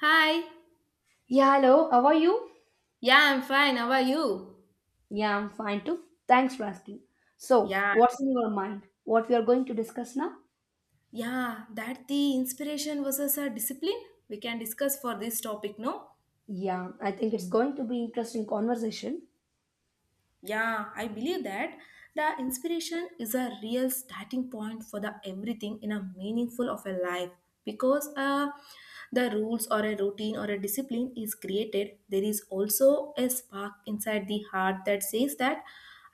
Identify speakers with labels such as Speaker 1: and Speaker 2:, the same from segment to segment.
Speaker 1: Hi.
Speaker 2: Yeah, hello. How are you?
Speaker 1: Yeah, I'm fine. How are you?
Speaker 2: Yeah, I'm fine too. Thanks for asking. So,
Speaker 1: Yeah.
Speaker 2: what's in your mind? What we are going to discuss now?
Speaker 1: Yeah, that the inspiration versus a discipline we can discuss for this topic, no?
Speaker 2: Yeah, I think it's going to be interesting conversation.
Speaker 1: Yeah, I believe that the inspiration is a real starting point for the everything in a meaningful of a life because the rules or a routine or a discipline is created there is also a spark inside the heart that says that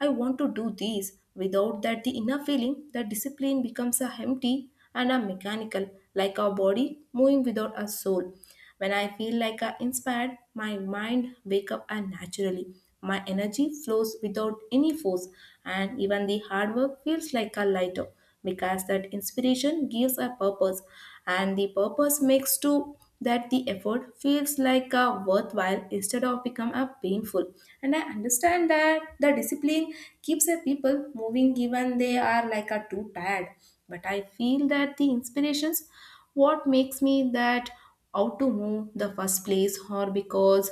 Speaker 1: I want to do these. Without that, the inner feeling, that discipline becomes a empty and a mechanical, like our body moving without a soul. When I feel like I inspired, my mind wake up and naturally. My energy flows without any force, and even the hard work feels like a lighter because that inspiration gives a purpose, and the purpose makes to that the effort feels like a worthwhile instead of become a painful. And I understand that the discipline keeps the people moving even they are like a too tired, but I feel that the inspirations what makes me that out to move the first place or because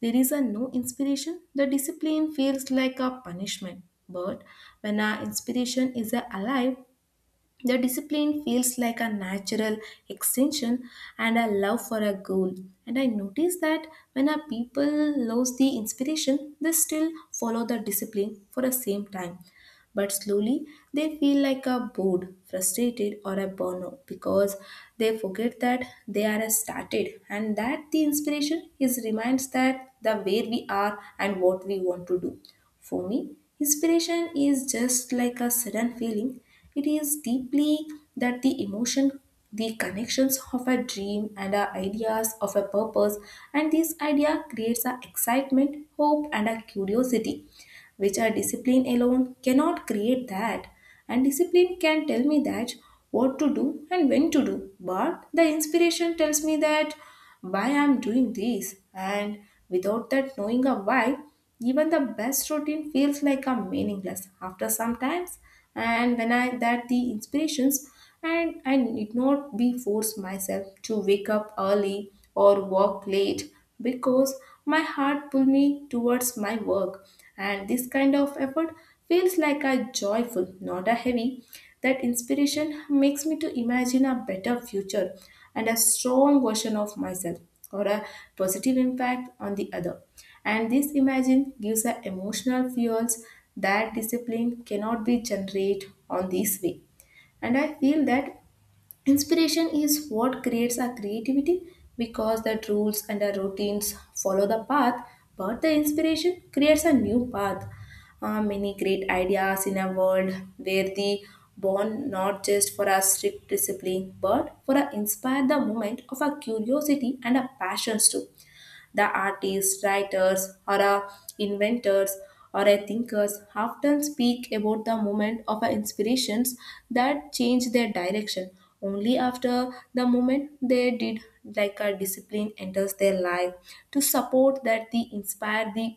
Speaker 1: there is a no inspiration the discipline feels like a punishment. But when our inspiration is alive, the discipline feels like a natural extension and a love for a goal. And I notice that when our people lose the inspiration, they still follow the discipline for the same time. But slowly, they feel like a bored, frustrated, or a burnout because they forget that they are started and that the inspiration is reminds that the where we are and what we want to do. For me, inspiration is just like a sudden feeling. It is deeply that the emotion, the connections of a dream and our ideas of a purpose, and this idea creates a excitement, hope, and a curiosity which are discipline alone cannot create that. And discipline can tell me that what to do and when to do, but the inspiration tells me that why I'm doing this. And without that knowing a why, even the best routine feels like a meaningless after some times. And when I that the inspirations and I need not be forced myself to wake up early or work late because my heart pull me towards my work, and this kind of effort feels like a joyful not a heavy. That inspiration makes me to imagine a better future and a strong version of myself or a positive impact on the other, and this imagine gives a emotional fuels that discipline cannot be generated on this way. And I feel that inspiration is what creates our creativity because that rules and our routines follow the path, but the inspiration creates a new path. Many great ideas in a world where they born not just for our strict discipline but for our inspire the moment of our curiosity and our passions too. The artists, writers, or a inventors or a thinkers often speak about the moment of a inspirations that change their direction only after the moment they did like a discipline enters their life to support that they inspire the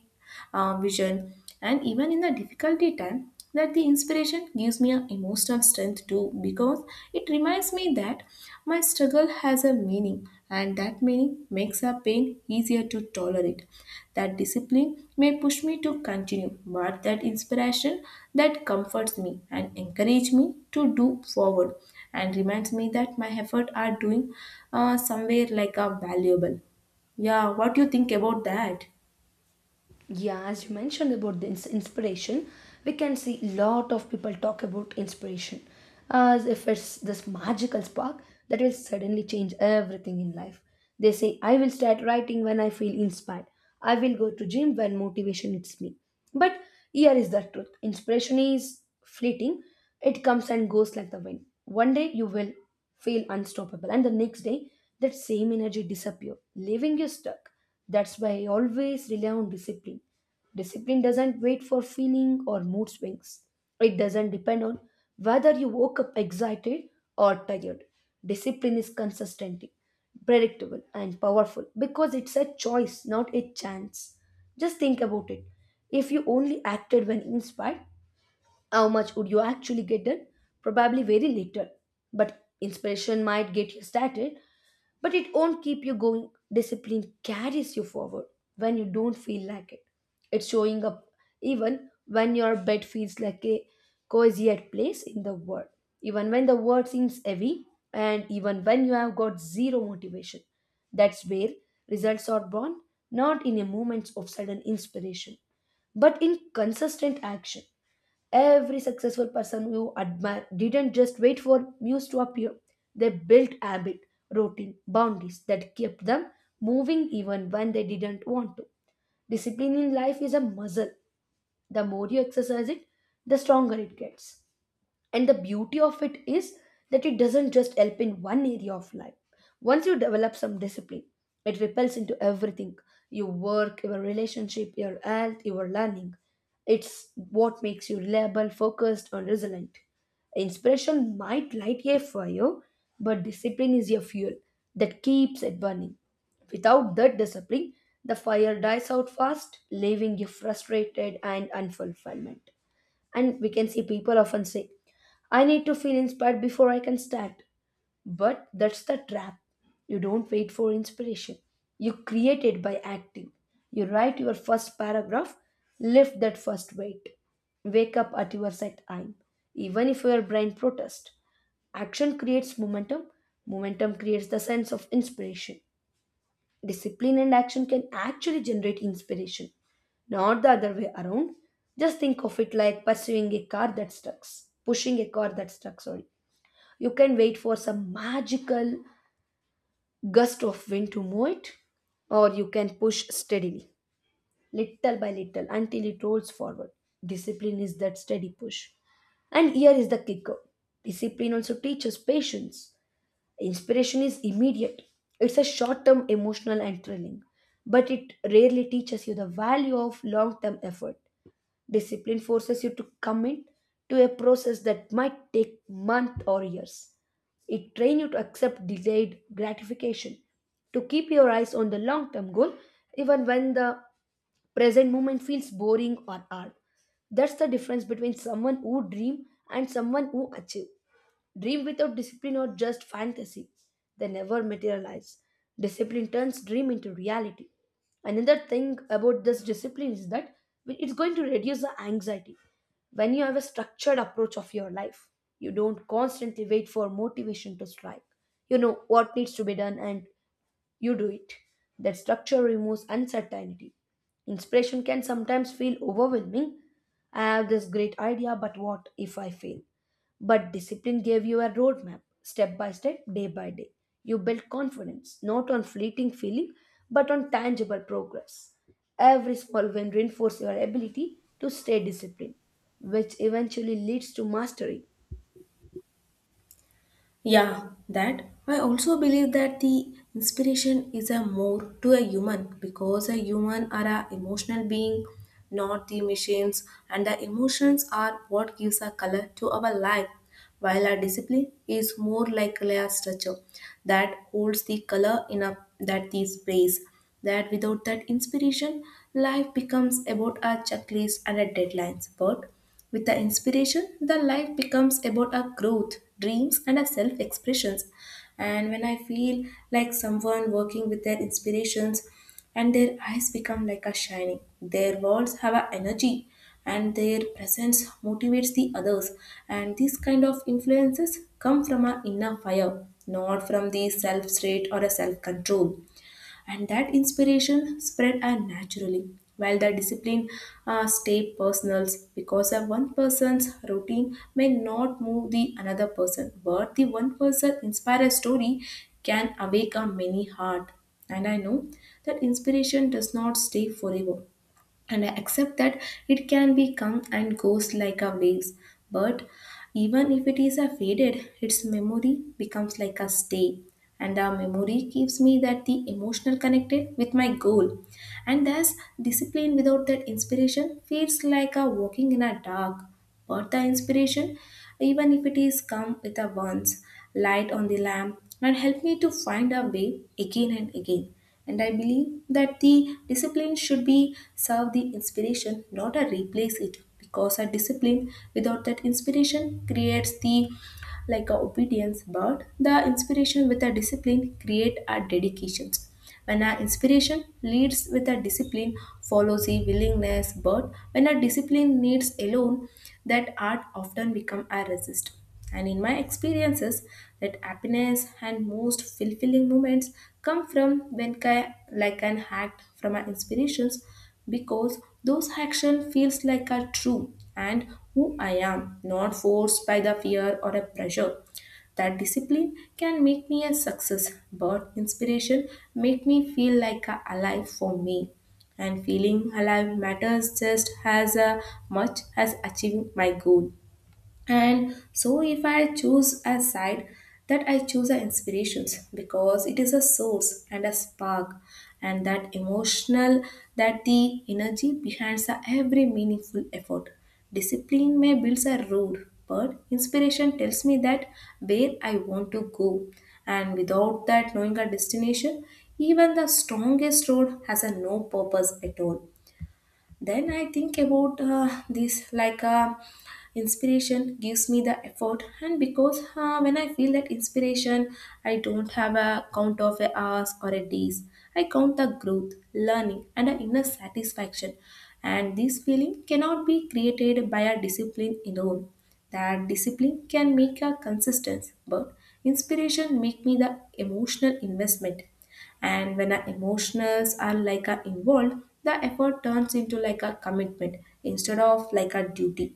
Speaker 1: vision. And even in the difficulty time that the inspiration gives me an emotional strength too because it reminds me that my struggle has a meaning and that meaning makes our pain easier to tolerate. That discipline may push me to continue, but that inspiration that comforts me and encourage me to do forward and reminds me that my effort are doing somewhere like a valuable. Yeah, what do you think about that?
Speaker 2: Yeah, as you mentioned about the inspiration, we can see lot of people talk about inspiration as if it's this magical spark that will suddenly change everything in life. They say, I will start writing when I feel inspired. I will go to gym when motivation hits me. But here is the truth. Inspiration is fleeting. It comes and goes like the wind. One day you will feel unstoppable and the next day that same energy disappear, leaving you stuck. That's why I always rely on discipline. Discipline doesn't wait for feeling or mood swings. It doesn't depend on whether you woke up excited or tired. Discipline is consistent, predictable, and powerful because it's a choice, not a chance. Just think about it. If you only acted when inspired, how much would you actually get done? Probably very little. But inspiration might get you started, but it won't keep you going. Discipline carries you forward when you don't feel like it. It's showing up even when your bed feels like a cozy at place in the world, even when the world seems heavy, and even when you have got zero motivation. That's where results are born, not in a moment of sudden inspiration, but in consistent action. Every successful person you admire didn't just wait for news to appear. They built habit, routine, boundaries that kept them moving even when they didn't want to. Discipline in life is a muscle. The more you exercise it, the stronger it gets. And the beauty of it is that it doesn't just help in one area of life. Once you develop some discipline, it repels into everything, your work, your relationship, your health, your learning. It's what makes you reliable, focused, and resilient. Inspiration might light a fire, but discipline is your fuel that keeps it burning. Without that discipline, the fire dies out fast, leaving you frustrated and unfulfillment. And we can see people often say, I need to feel inspired before I can start. But that's the trap. You don't wait for inspiration. You create it by acting. You write your first paragraph, lift that first weight. Wake up at your set time, even if your brain protests. Action creates momentum, momentum creates the sense of inspiration. Discipline and action can actually generate inspiration, not the other way around. Just think of it like pursuing a car that stuck, pushing a car that stuck, sorry. You can wait for some magical gust of wind to move it, or you can push steadily, little by little, until it rolls forward. Discipline is that steady push. And here is the kicker, discipline also teaches patience. Inspiration is immediate, it's a short term, emotional, and thrilling, but it rarely teaches you the value of long term effort. Discipline forces you to commit to a process that might take months or years. It trains you to accept delayed gratification, to keep your eyes on the long term goal, even when the present moment feels boring or hard. That's the difference between someone who dreams and someone who achieves. Dream without discipline are just fantasy. They never materialize. Discipline turns dream into reality. Another thing about this discipline is that it's going to reduce the anxiety. When you have a structured approach of your life, you don't constantly wait for motivation to strike. You know what needs to be done and you do it. That structure removes uncertainty. Inspiration can sometimes feel overwhelming. I have this great idea, but what if I fail? But discipline gave you a roadmap, step by step, day by day. You built confidence, not on fleeting feeling, but on tangible progress. Every small win reinforces your ability to stay disciplined, which eventually leads to mastery.
Speaker 1: Yeah, that I also believe that the inspiration is a more to a human because a human are a emotional being, not the machines, and the emotions are what gives a color to our life, while our discipline is more like a structure that holds the color in a that the space. That without that inspiration, life becomes about a checklist and a deadlines. But with the inspiration, the life becomes about our growth, dreams, and our self expressions. And when I feel like someone working with their inspirations, and their eyes become like a shining, their walls have a energy, and their presence motivates the others. And these kind of influences come from our inner fire, not from the self-straight or a self-control, and that inspiration spread naturally while the discipline stay personal because a one person's routine may not move the another person, but the one person inspire a story can awake a many heart. And I know that inspiration does not stay forever, and I accept that it can be come and goes like a waves. But even if it is a faded, its memory becomes like a stay. And the memory gives me that the emotional connected with my goal. And thus discipline without that inspiration feels like a walking in a dark. But the inspiration, even if it is come with a once, light on the lamp and help me to find a way again and again. And I believe that the discipline should be serve the inspiration, not a replace it. Because a discipline without that inspiration creates the like a obedience, but the inspiration with a discipline create a dedication. When a inspiration leads with a discipline, follows a willingness, but when a discipline needs alone, that art often become a resist. And in my experiences, that happiness and most fulfilling moments come from when I like an act from my inspirations because those action feels like are true and who I am, not forced by the fear or a pressure. That discipline can make me a success, but inspiration make me feel like a alive for me. And feeling alive matters just as much as achieving my goal. And so if I choose a side that I choose the inspirations because it is a source and a spark and that emotional that the energy behind the every meaningful effort. Discipline may builds a road, but inspiration tells me that where I want to go, and without that knowing a destination even the strongest road has a no purpose at all. Then I think about this like inspiration gives me the effort, and because when I feel that inspiration, I don't have a count of a hours or a days. I count the growth, learning, and an inner satisfaction. And this feeling cannot be created by a discipline alone. That discipline can make a consistency, but inspiration make me the emotional investment, and when our emotions are like are involved the effort turns into like a commitment instead of like a duty.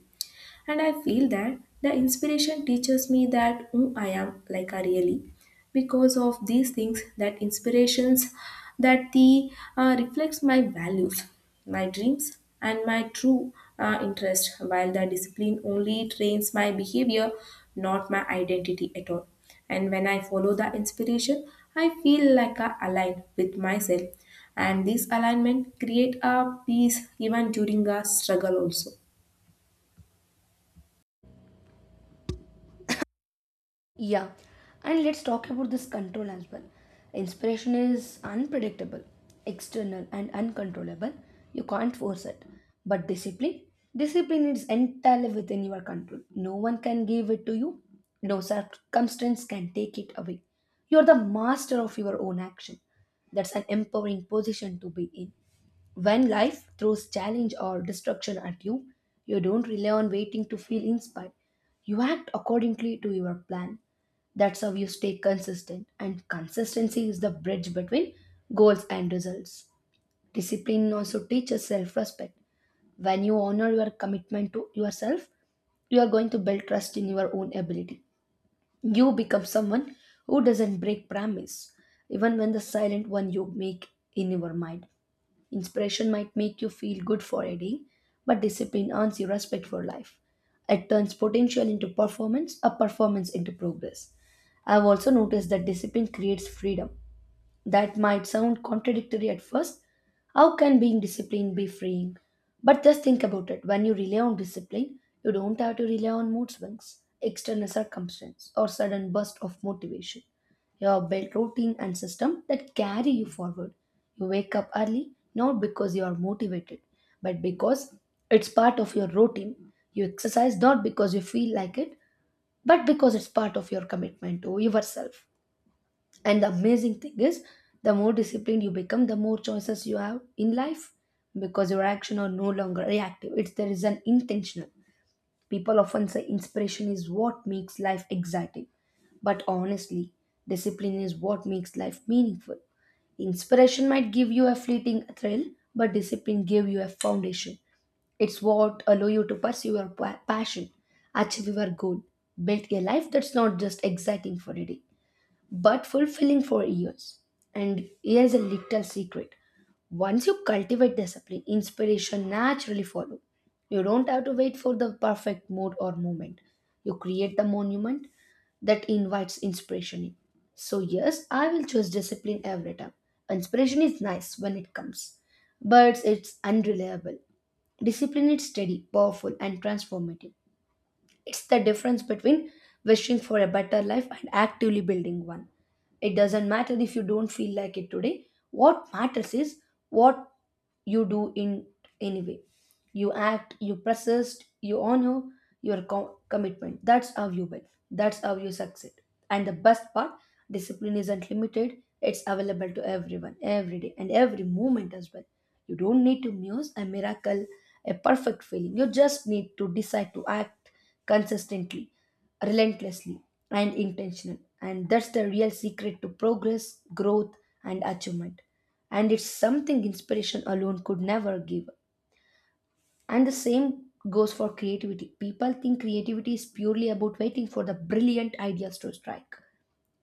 Speaker 1: And I feel that the inspiration teaches me that who I am, like I really. Because of these things, that inspirations, that the reflects my values, my dreams, and my true interest. While the discipline only trains my behavior, not my identity at all. And when I follow the inspiration, I feel like I align with myself. And this alignment create a peace even during a struggle also.
Speaker 2: Yeah, and let's talk about this control as well. Inspiration is unpredictable, external, and uncontrollable. You can't force it. But discipline? Discipline is entirely within your control. No one can give it to you, no circumstance can take it away. You're the master of your own action. That's an empowering position to be in. When life throws challenge or destruction at you, you don't rely on waiting to feel inspired. You act accordingly to your plan. That's how you stay consistent, and consistency is the bridge between goals and results. Discipline also teaches self respect. When you honor your commitment to yourself, you are going to build trust in your own ability. You become someone who doesn't break promise, even when the silent one you make in your mind. Inspiration might make you feel good for a day, but discipline earns you respect for life. It turns potential into performance, a performance into progress. I've also noticed that discipline creates freedom. That might sound contradictory at first. How can being disciplined be freeing? But just think about it. When you rely on discipline, you don't have to rely on mood swings, external circumstance, or sudden burst of motivation. You have built routine and system that carry you forward. You wake up early not because you are motivated, but because it's part of your routine. You exercise not because you feel like it, but because it's part of your commitment to yourself. And the amazing thing is, the more disciplined you become, the more choices you have in life because your action are no longer reactive. It's there is an intentional. People often say inspiration is what makes life exciting, but honestly, discipline is what makes life meaningful. Inspiration might give you a fleeting thrill, but discipline gives you a foundation. It's what allow you to pursue your passion, achieve your goal, build a life that's not just exciting for a day but fulfilling for years. And here's a little secret. Once you cultivate discipline, inspiration naturally follow. You don't have to wait for the perfect mood or moment. You create the monument that invites inspiration in. So yes, I will choose discipline every time. Inspiration is nice when it comes, but it's unreliable. Discipline is steady, powerful, and transformative. It's the difference between wishing for a better life and actively building one. It doesn't matter if you don't feel like it today. What matters is what you do in any way. You act, you persist, you honor your commitment. That's how you win. That's how you succeed. And the best part, discipline isn't limited. It's available to everyone, every day, and every moment as well. You don't need to muse a miracle, a perfect feeling. You just need to decide to act consistently, relentlessly, and intentional. And that's the real secret to progress, growth, and achievement. And it's something inspiration alone could never give. And the same goes for creativity. People think creativity is purely about waiting for the brilliant ideas to strike.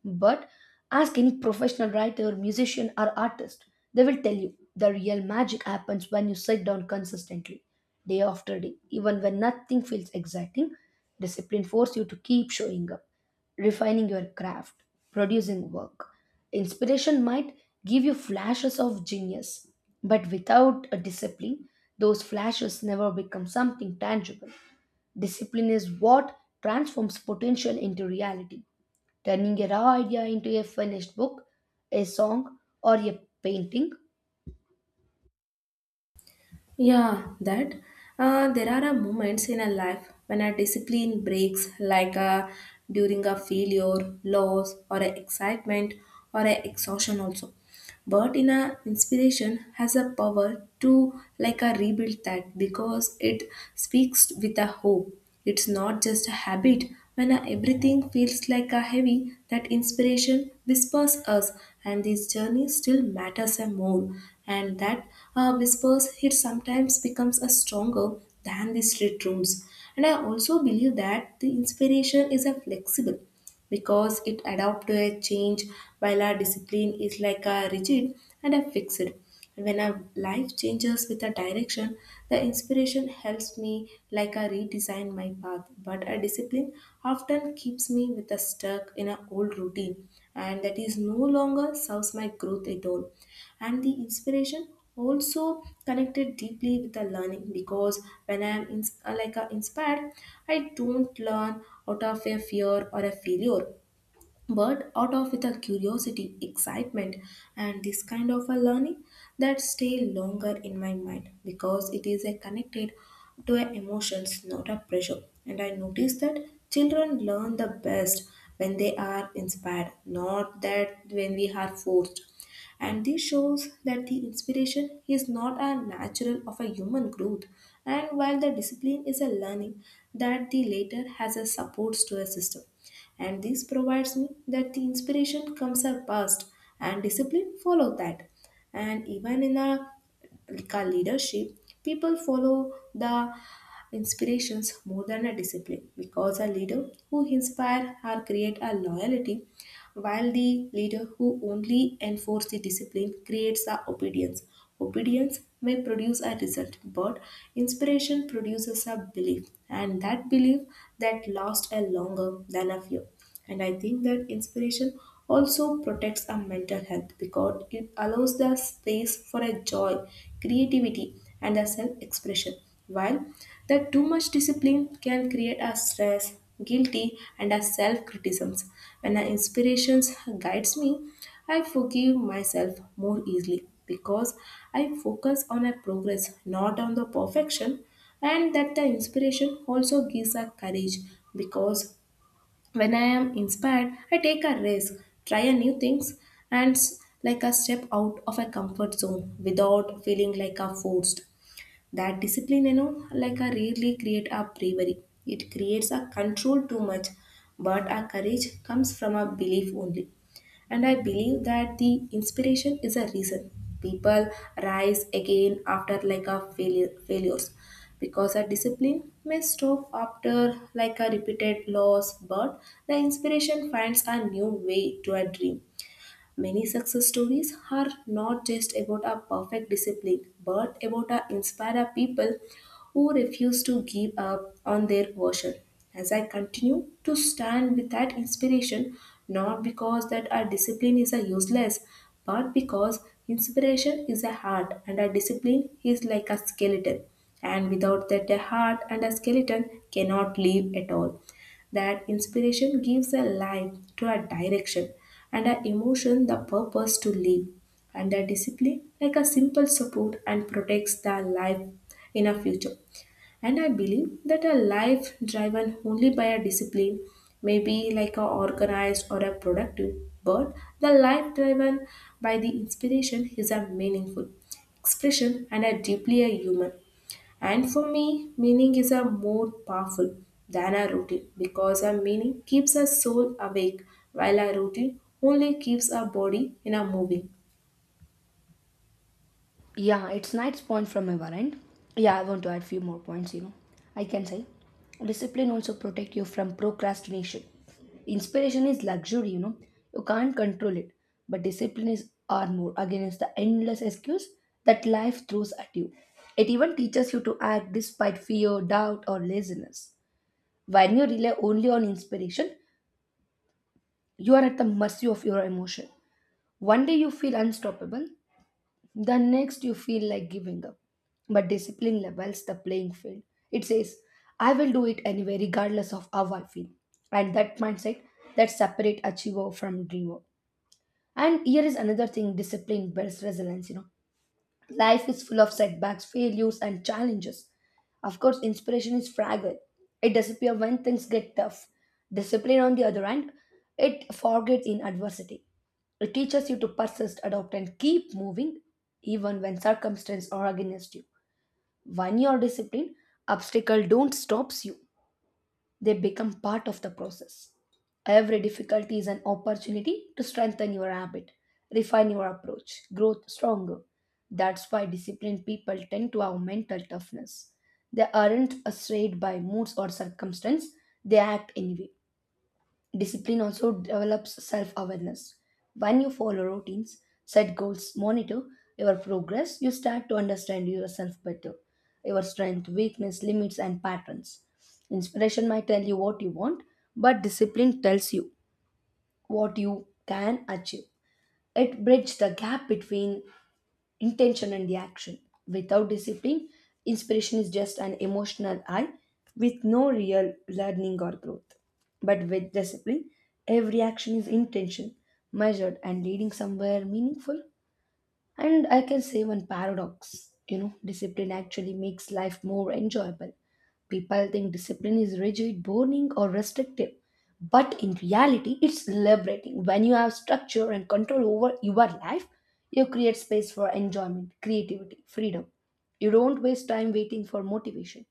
Speaker 2: But ask any professional writer, musician, or artist, they will tell you the real magic happens when you sit down consistently, day after day, even when nothing feels exciting. Discipline forces you to keep showing up, refining your craft, producing work. Inspiration might give you flashes of genius, but without a discipline, those flashes never become something tangible. Discipline is what transforms potential into reality, turning a raw idea into a finished book, a song, or a painting.
Speaker 1: Yeah, that. There are a moments in a life when a discipline breaks, like a, during a failure, loss, or a excitement, or a exhaustion also. But in a inspiration has a power to like a rebuild that because it speaks with a hope. It's not just a habit. When everything feels like a heavy, that inspiration whispers us, and this journey still matters and more. And that whispers here sometimes becomes a stronger than the street rooms. And I also believe that the inspiration is a flexible because it adapts to a change while our discipline is like a rigid and a fixed. And when our life changes with a direction, the inspiration helps me like a redesign my path, but a discipline often keeps me with a stuck in an old routine and that is no longer serves my growth at all. And the inspiration also connected deeply with the learning because when I'm in, like inspired, I don't learn out of a fear or a failure but out of with a curiosity, excitement, and this kind of a learning that stay longer in my mind because it is a connected to a emotions, not a pressure. And I notice that children learn the best when they are inspired, not that when we are forced. And this shows that the inspiration is not a natural of a human growth, and while the discipline is a learning that the later has a supports to a system and this provides me that the inspiration comes up first and discipline follow that. And even in a like a leadership people follow the inspirations more than a discipline because a leader who inspire or create a loyalty while the leader who only enforces the discipline creates a obedience. Obedience may produce a result, but inspiration produces a belief, and that belief that lasts a longer than a fear. And I think that inspiration also protects our mental health because it allows the space for a joy, creativity, and a self expression. While that too much discipline can create a stress, guilty, and a self criticisms. When an inspirations guides me, I forgive myself more easily because I focus on a progress, not on the perfection, and that the inspiration also gives a courage because when I am inspired, I take a risk, try a new things, and like a step out of a comfort zone without feeling like a forced. That discipline, like a rarely create a bravery. It creates a control too much, but our courage comes from a belief only. And I believe that the inspiration is a reason. People rise again after like a failures because a discipline may stop after like a repeated loss, but the inspiration finds a new way to a dream. Many success stories are not just about a perfect discipline, but about a inspire people who refuse to give up on their version. As I continue to stand with that inspiration, not because that our discipline is a useless, but because inspiration is a heart and our discipline is like a skeleton. And without that, a heart and a skeleton cannot live at all. That inspiration gives a life to a direction and an emotion the purpose to live, and the discipline like a simple support and protects the life in a future. And I believe that a life driven only by a discipline may be like a organized or a productive, but the life driven by the inspiration is a meaningful expression and a deeply a human. And for me, meaning is a more powerful than a routine because a meaning keeps a soul awake while a routine only keeps our body in a moving.
Speaker 2: Yeah, it's nice point from my end. Yeah, I want to add few more points, you know. I can say discipline also protect you from procrastination. Inspiration is luxury, you know. You can't control it. But discipline is armor against the endless excuse that life throws at you. It even teaches you to act despite fear, doubt, or laziness. When you rely only on inspiration, you are at the mercy of your emotion. One day you feel unstoppable, the next you feel like giving up. But discipline levels the playing field. It says, I will do it anyway, regardless of how I feel. And that mindset that separate achiever from dreamer. And here is another thing, discipline builds resilience, you know. Life is full of setbacks, failures, and challenges. Of course, inspiration is fragile. It disappears when things get tough. Discipline, on the other hand, it forgets in adversity. It teaches you to persist, adopt, and keep moving even when circumstances are against you. When you are disciplined, obstacles don't stop you. They become part of the process. Every difficulty is an opportunity to strengthen your habit, refine your approach, grow stronger. That's why disciplined people tend to have mental toughness. They aren't swayed by moods or circumstance, they act anyway. Discipline also develops self awareness. When you follow routines, set goals, monitor your progress, you start to understand yourself better, your strength, weakness, limits, and patterns. Inspiration might tell you what you want, but discipline tells you what you can achieve. It bridges the gap between intention and the action. Without discipline, inspiration is just an emotional high with no real learning or growth. But with discipline, every action is intention, measured, and leading somewhere meaningful. And I can say one paradox, you know, discipline actually makes life more enjoyable. People think discipline is rigid, boring, or restrictive. But in reality, it's liberating. When you have structure and control over your life, you create space for enjoyment, creativity, freedom. You don't waste time waiting for motivation.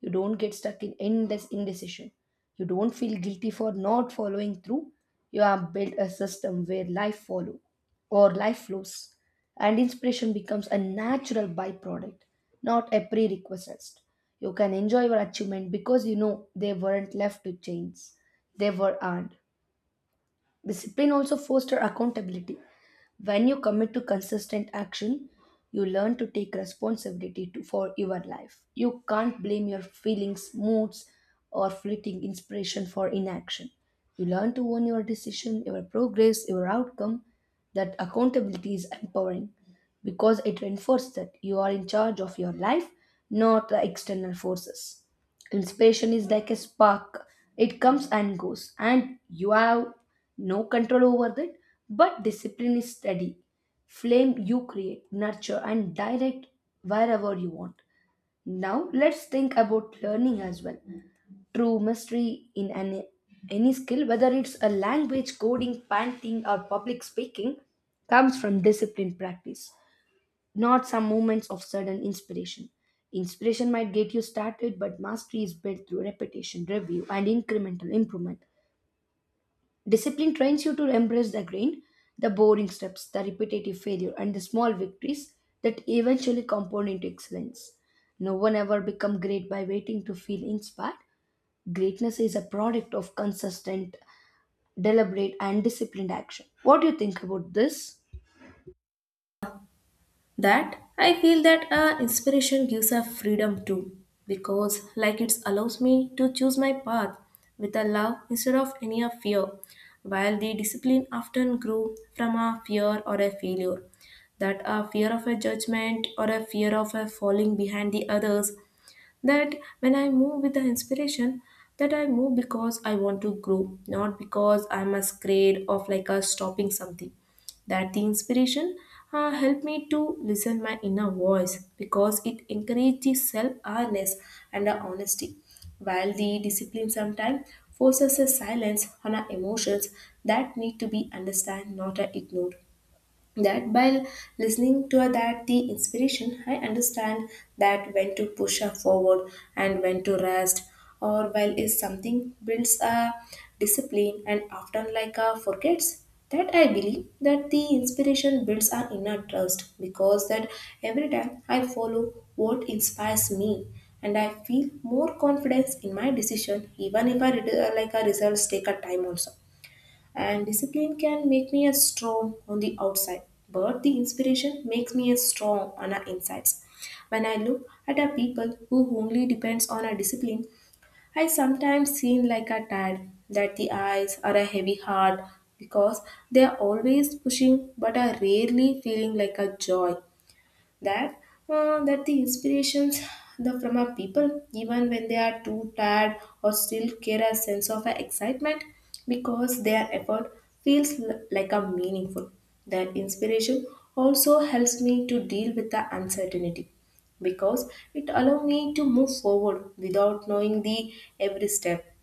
Speaker 2: You don't get stuck in endless indecision. You don't feel guilty for not following through. You have built a system where life follows or life flows, and inspiration becomes a natural byproduct, not a prerequisite. You can enjoy your achievement because you know they weren't left to chance, they were earned. Discipline also fosters accountability. When you commit to consistent action, you learn to take responsibility to, for your life. You can't blame your feelings, moods, or fleeting inspiration for inaction. You learn to own your decision, your progress, your outcome. That accountability is empowering because it reinforces that you are in charge of your life, not the external forces. Inspiration is like a spark, it comes and goes, and you have no control over that. But discipline is steady. Flame you create, nurture, and direct wherever you want. Now, let's think about learning as well. True mastery in any skill, whether it's a language, coding, painting, or public speaking, comes from disciplined practice, not some moments of sudden inspiration. Inspiration might get you started, but mastery is built through repetition, review, and incremental improvement. Discipline trains you to embrace the grind, the boring steps, the repetitive failure, and the small victories that eventually compound into excellence. No one ever become great by waiting to feel inspired. Greatness is a product of consistent, deliberate, and disciplined action. What do you think about this?
Speaker 1: That I feel that a inspiration gives a freedom too because like it allows me to choose my path with a love instead of any a fear while the discipline often grew from a fear or a failure, that a fear of a judgment or a fear of a falling behind the others. That when I move with the inspiration, that I move because I want to grow, not because I'm a scared of like a stopping something. That the inspiration helped me to listen my inner voice because it encourages self-awareness and the honesty, while the discipline sometimes forces a silence on our emotions that need to be understood, not ignored. That by listening to that the inspiration, I understand that when to push her forward and when to rest, or while is something builds a discipline and often like a forgets. That I believe that the inspiration builds our inner trust because that every time I follow what inspires me, and I feel more confidence in my decision even if I, like a results take a time also. And discipline can make me as strong on the outside, but the inspiration makes me as strong on our insides. When I look at a people who only depends on a discipline, I sometimes seem like a tired, that the eyes are a heavy heart because they are always pushing but are rarely feeling like a joy. That that the inspirations the from our people even when they are too tired or still carry a sense of excitement because their effort feels like a meaningful. That inspiration also helps me to deal with the uncertainty because it allows me to move forward without knowing the every step.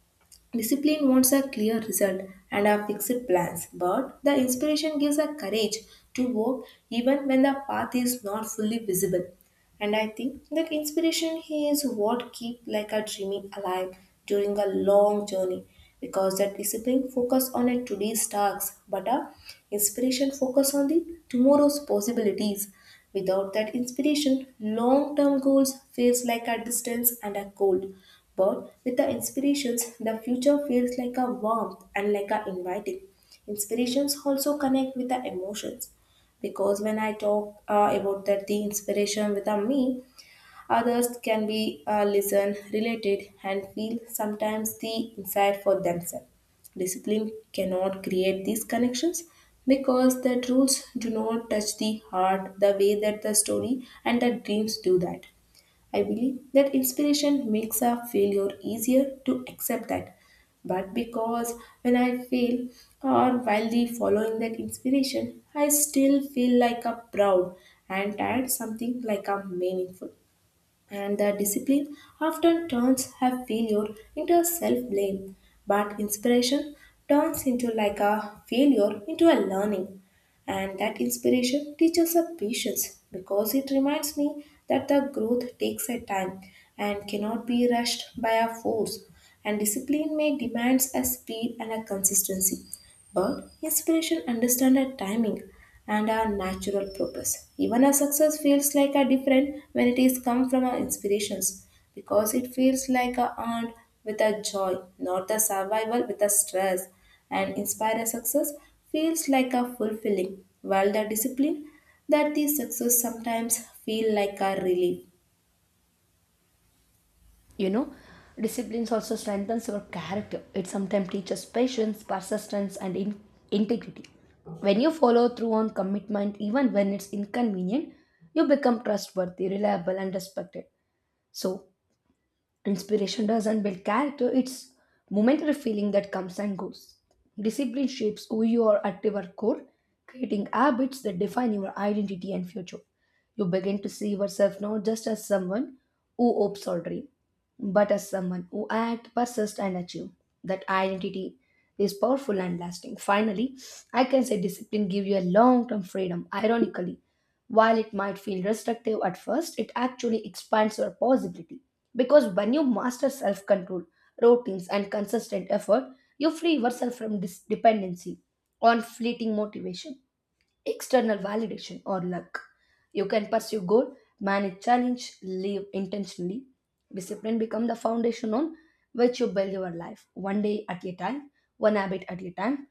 Speaker 1: Discipline wants a clear result and a fixed plans, but the inspiration gives a courage to walk even when the path is not fully visible. And I think that inspiration is what keep like a dreaming alive during a long journey because that discipline focus on a today's tasks, but a inspiration focus on the tomorrow's possibilities. Without that inspiration, long-term goals feels like a distance and a cold. But with the inspirations, the future feels like a warmth and like a inviting. Inspirations also connect with the emotions because when I talk about that the inspiration with a me, others can be listen, related, and feel sometimes the inside for themselves. Discipline cannot create these connections because the rules do not touch the heart the way that the story and the dreams do that. I believe that inspiration makes a failure easier to accept that. But because when I fail or while the following that inspiration, I still feel like a proud and add something like a meaningful, and the discipline often turns her failure into self-blame, but inspiration turns into like a failure into a learning. And that inspiration teaches us patience because it reminds me that the growth takes a time and cannot be rushed by a force. And discipline may demands a speed and a consistency, but inspiration understands our timing and our natural purpose. Even our success feels like a different when it is come from our inspirations because it feels like a earned with a joy, not the survival with a stress. And inspired success feels like a fulfilling, while the discipline that the success sometimes feel like a relief.
Speaker 2: You know, disciplines also strengthens your character. It sometimes teaches patience, persistence, and integrity. When you follow through on commitment even when it's inconvenient, you become trustworthy, reliable, and respected. So inspiration doesn't build character, it's momentary feeling that comes and goes. Discipline shapes who you are at your core, creating habits that define your identity and future. You begin to see yourself not just as someone who hopes or dreams, but as someone who act, persist, and achieve. That identity is powerful and lasting. Finally, I can say discipline gives you a long-term freedom. Ironically, while it might feel restrictive at first, it actually expands your possibility. Because when you master self-control, routines, and consistent effort, you free yourself from this dependency on fleeting motivation, external validation, or luck. You can pursue goal, manage challenge, live intentionally. Discipline become the foundation on which you build your life, one day at a time, one habit at a time.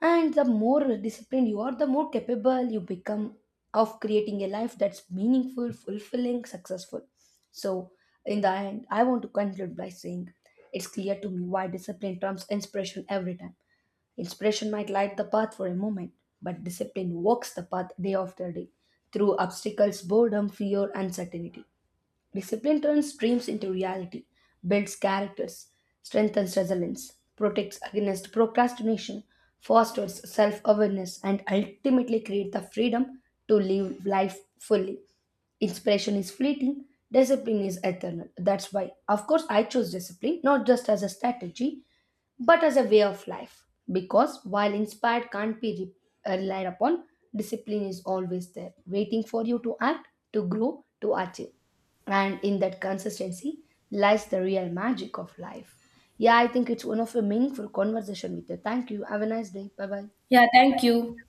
Speaker 2: And the more disciplined you are, the more capable you become of creating a life that's meaningful, fulfilling, successful. So, in the end, I want to conclude by saying it's clear to me why discipline trumps inspiration every time. Inspiration might light the path for a moment, but discipline walks the path day after day through obstacles, boredom, fear, uncertainty. Discipline turns dreams into reality, builds characters, strengthens resilience, protects against procrastination, fosters self awareness, and ultimately creates the freedom to live life fully. Inspiration is fleeting, discipline is eternal. That's why, of course, I chose discipline not just as a strategy but as a way of life. Because while inspired can't be relied upon, discipline is always there, waiting for you to act, to grow, to achieve. And in that consistency lies the real magic of life. Yeah, I think it's one of a meaningful conversation with you. Thank you. Have a nice day. Bye bye.
Speaker 1: Yeah, thank you.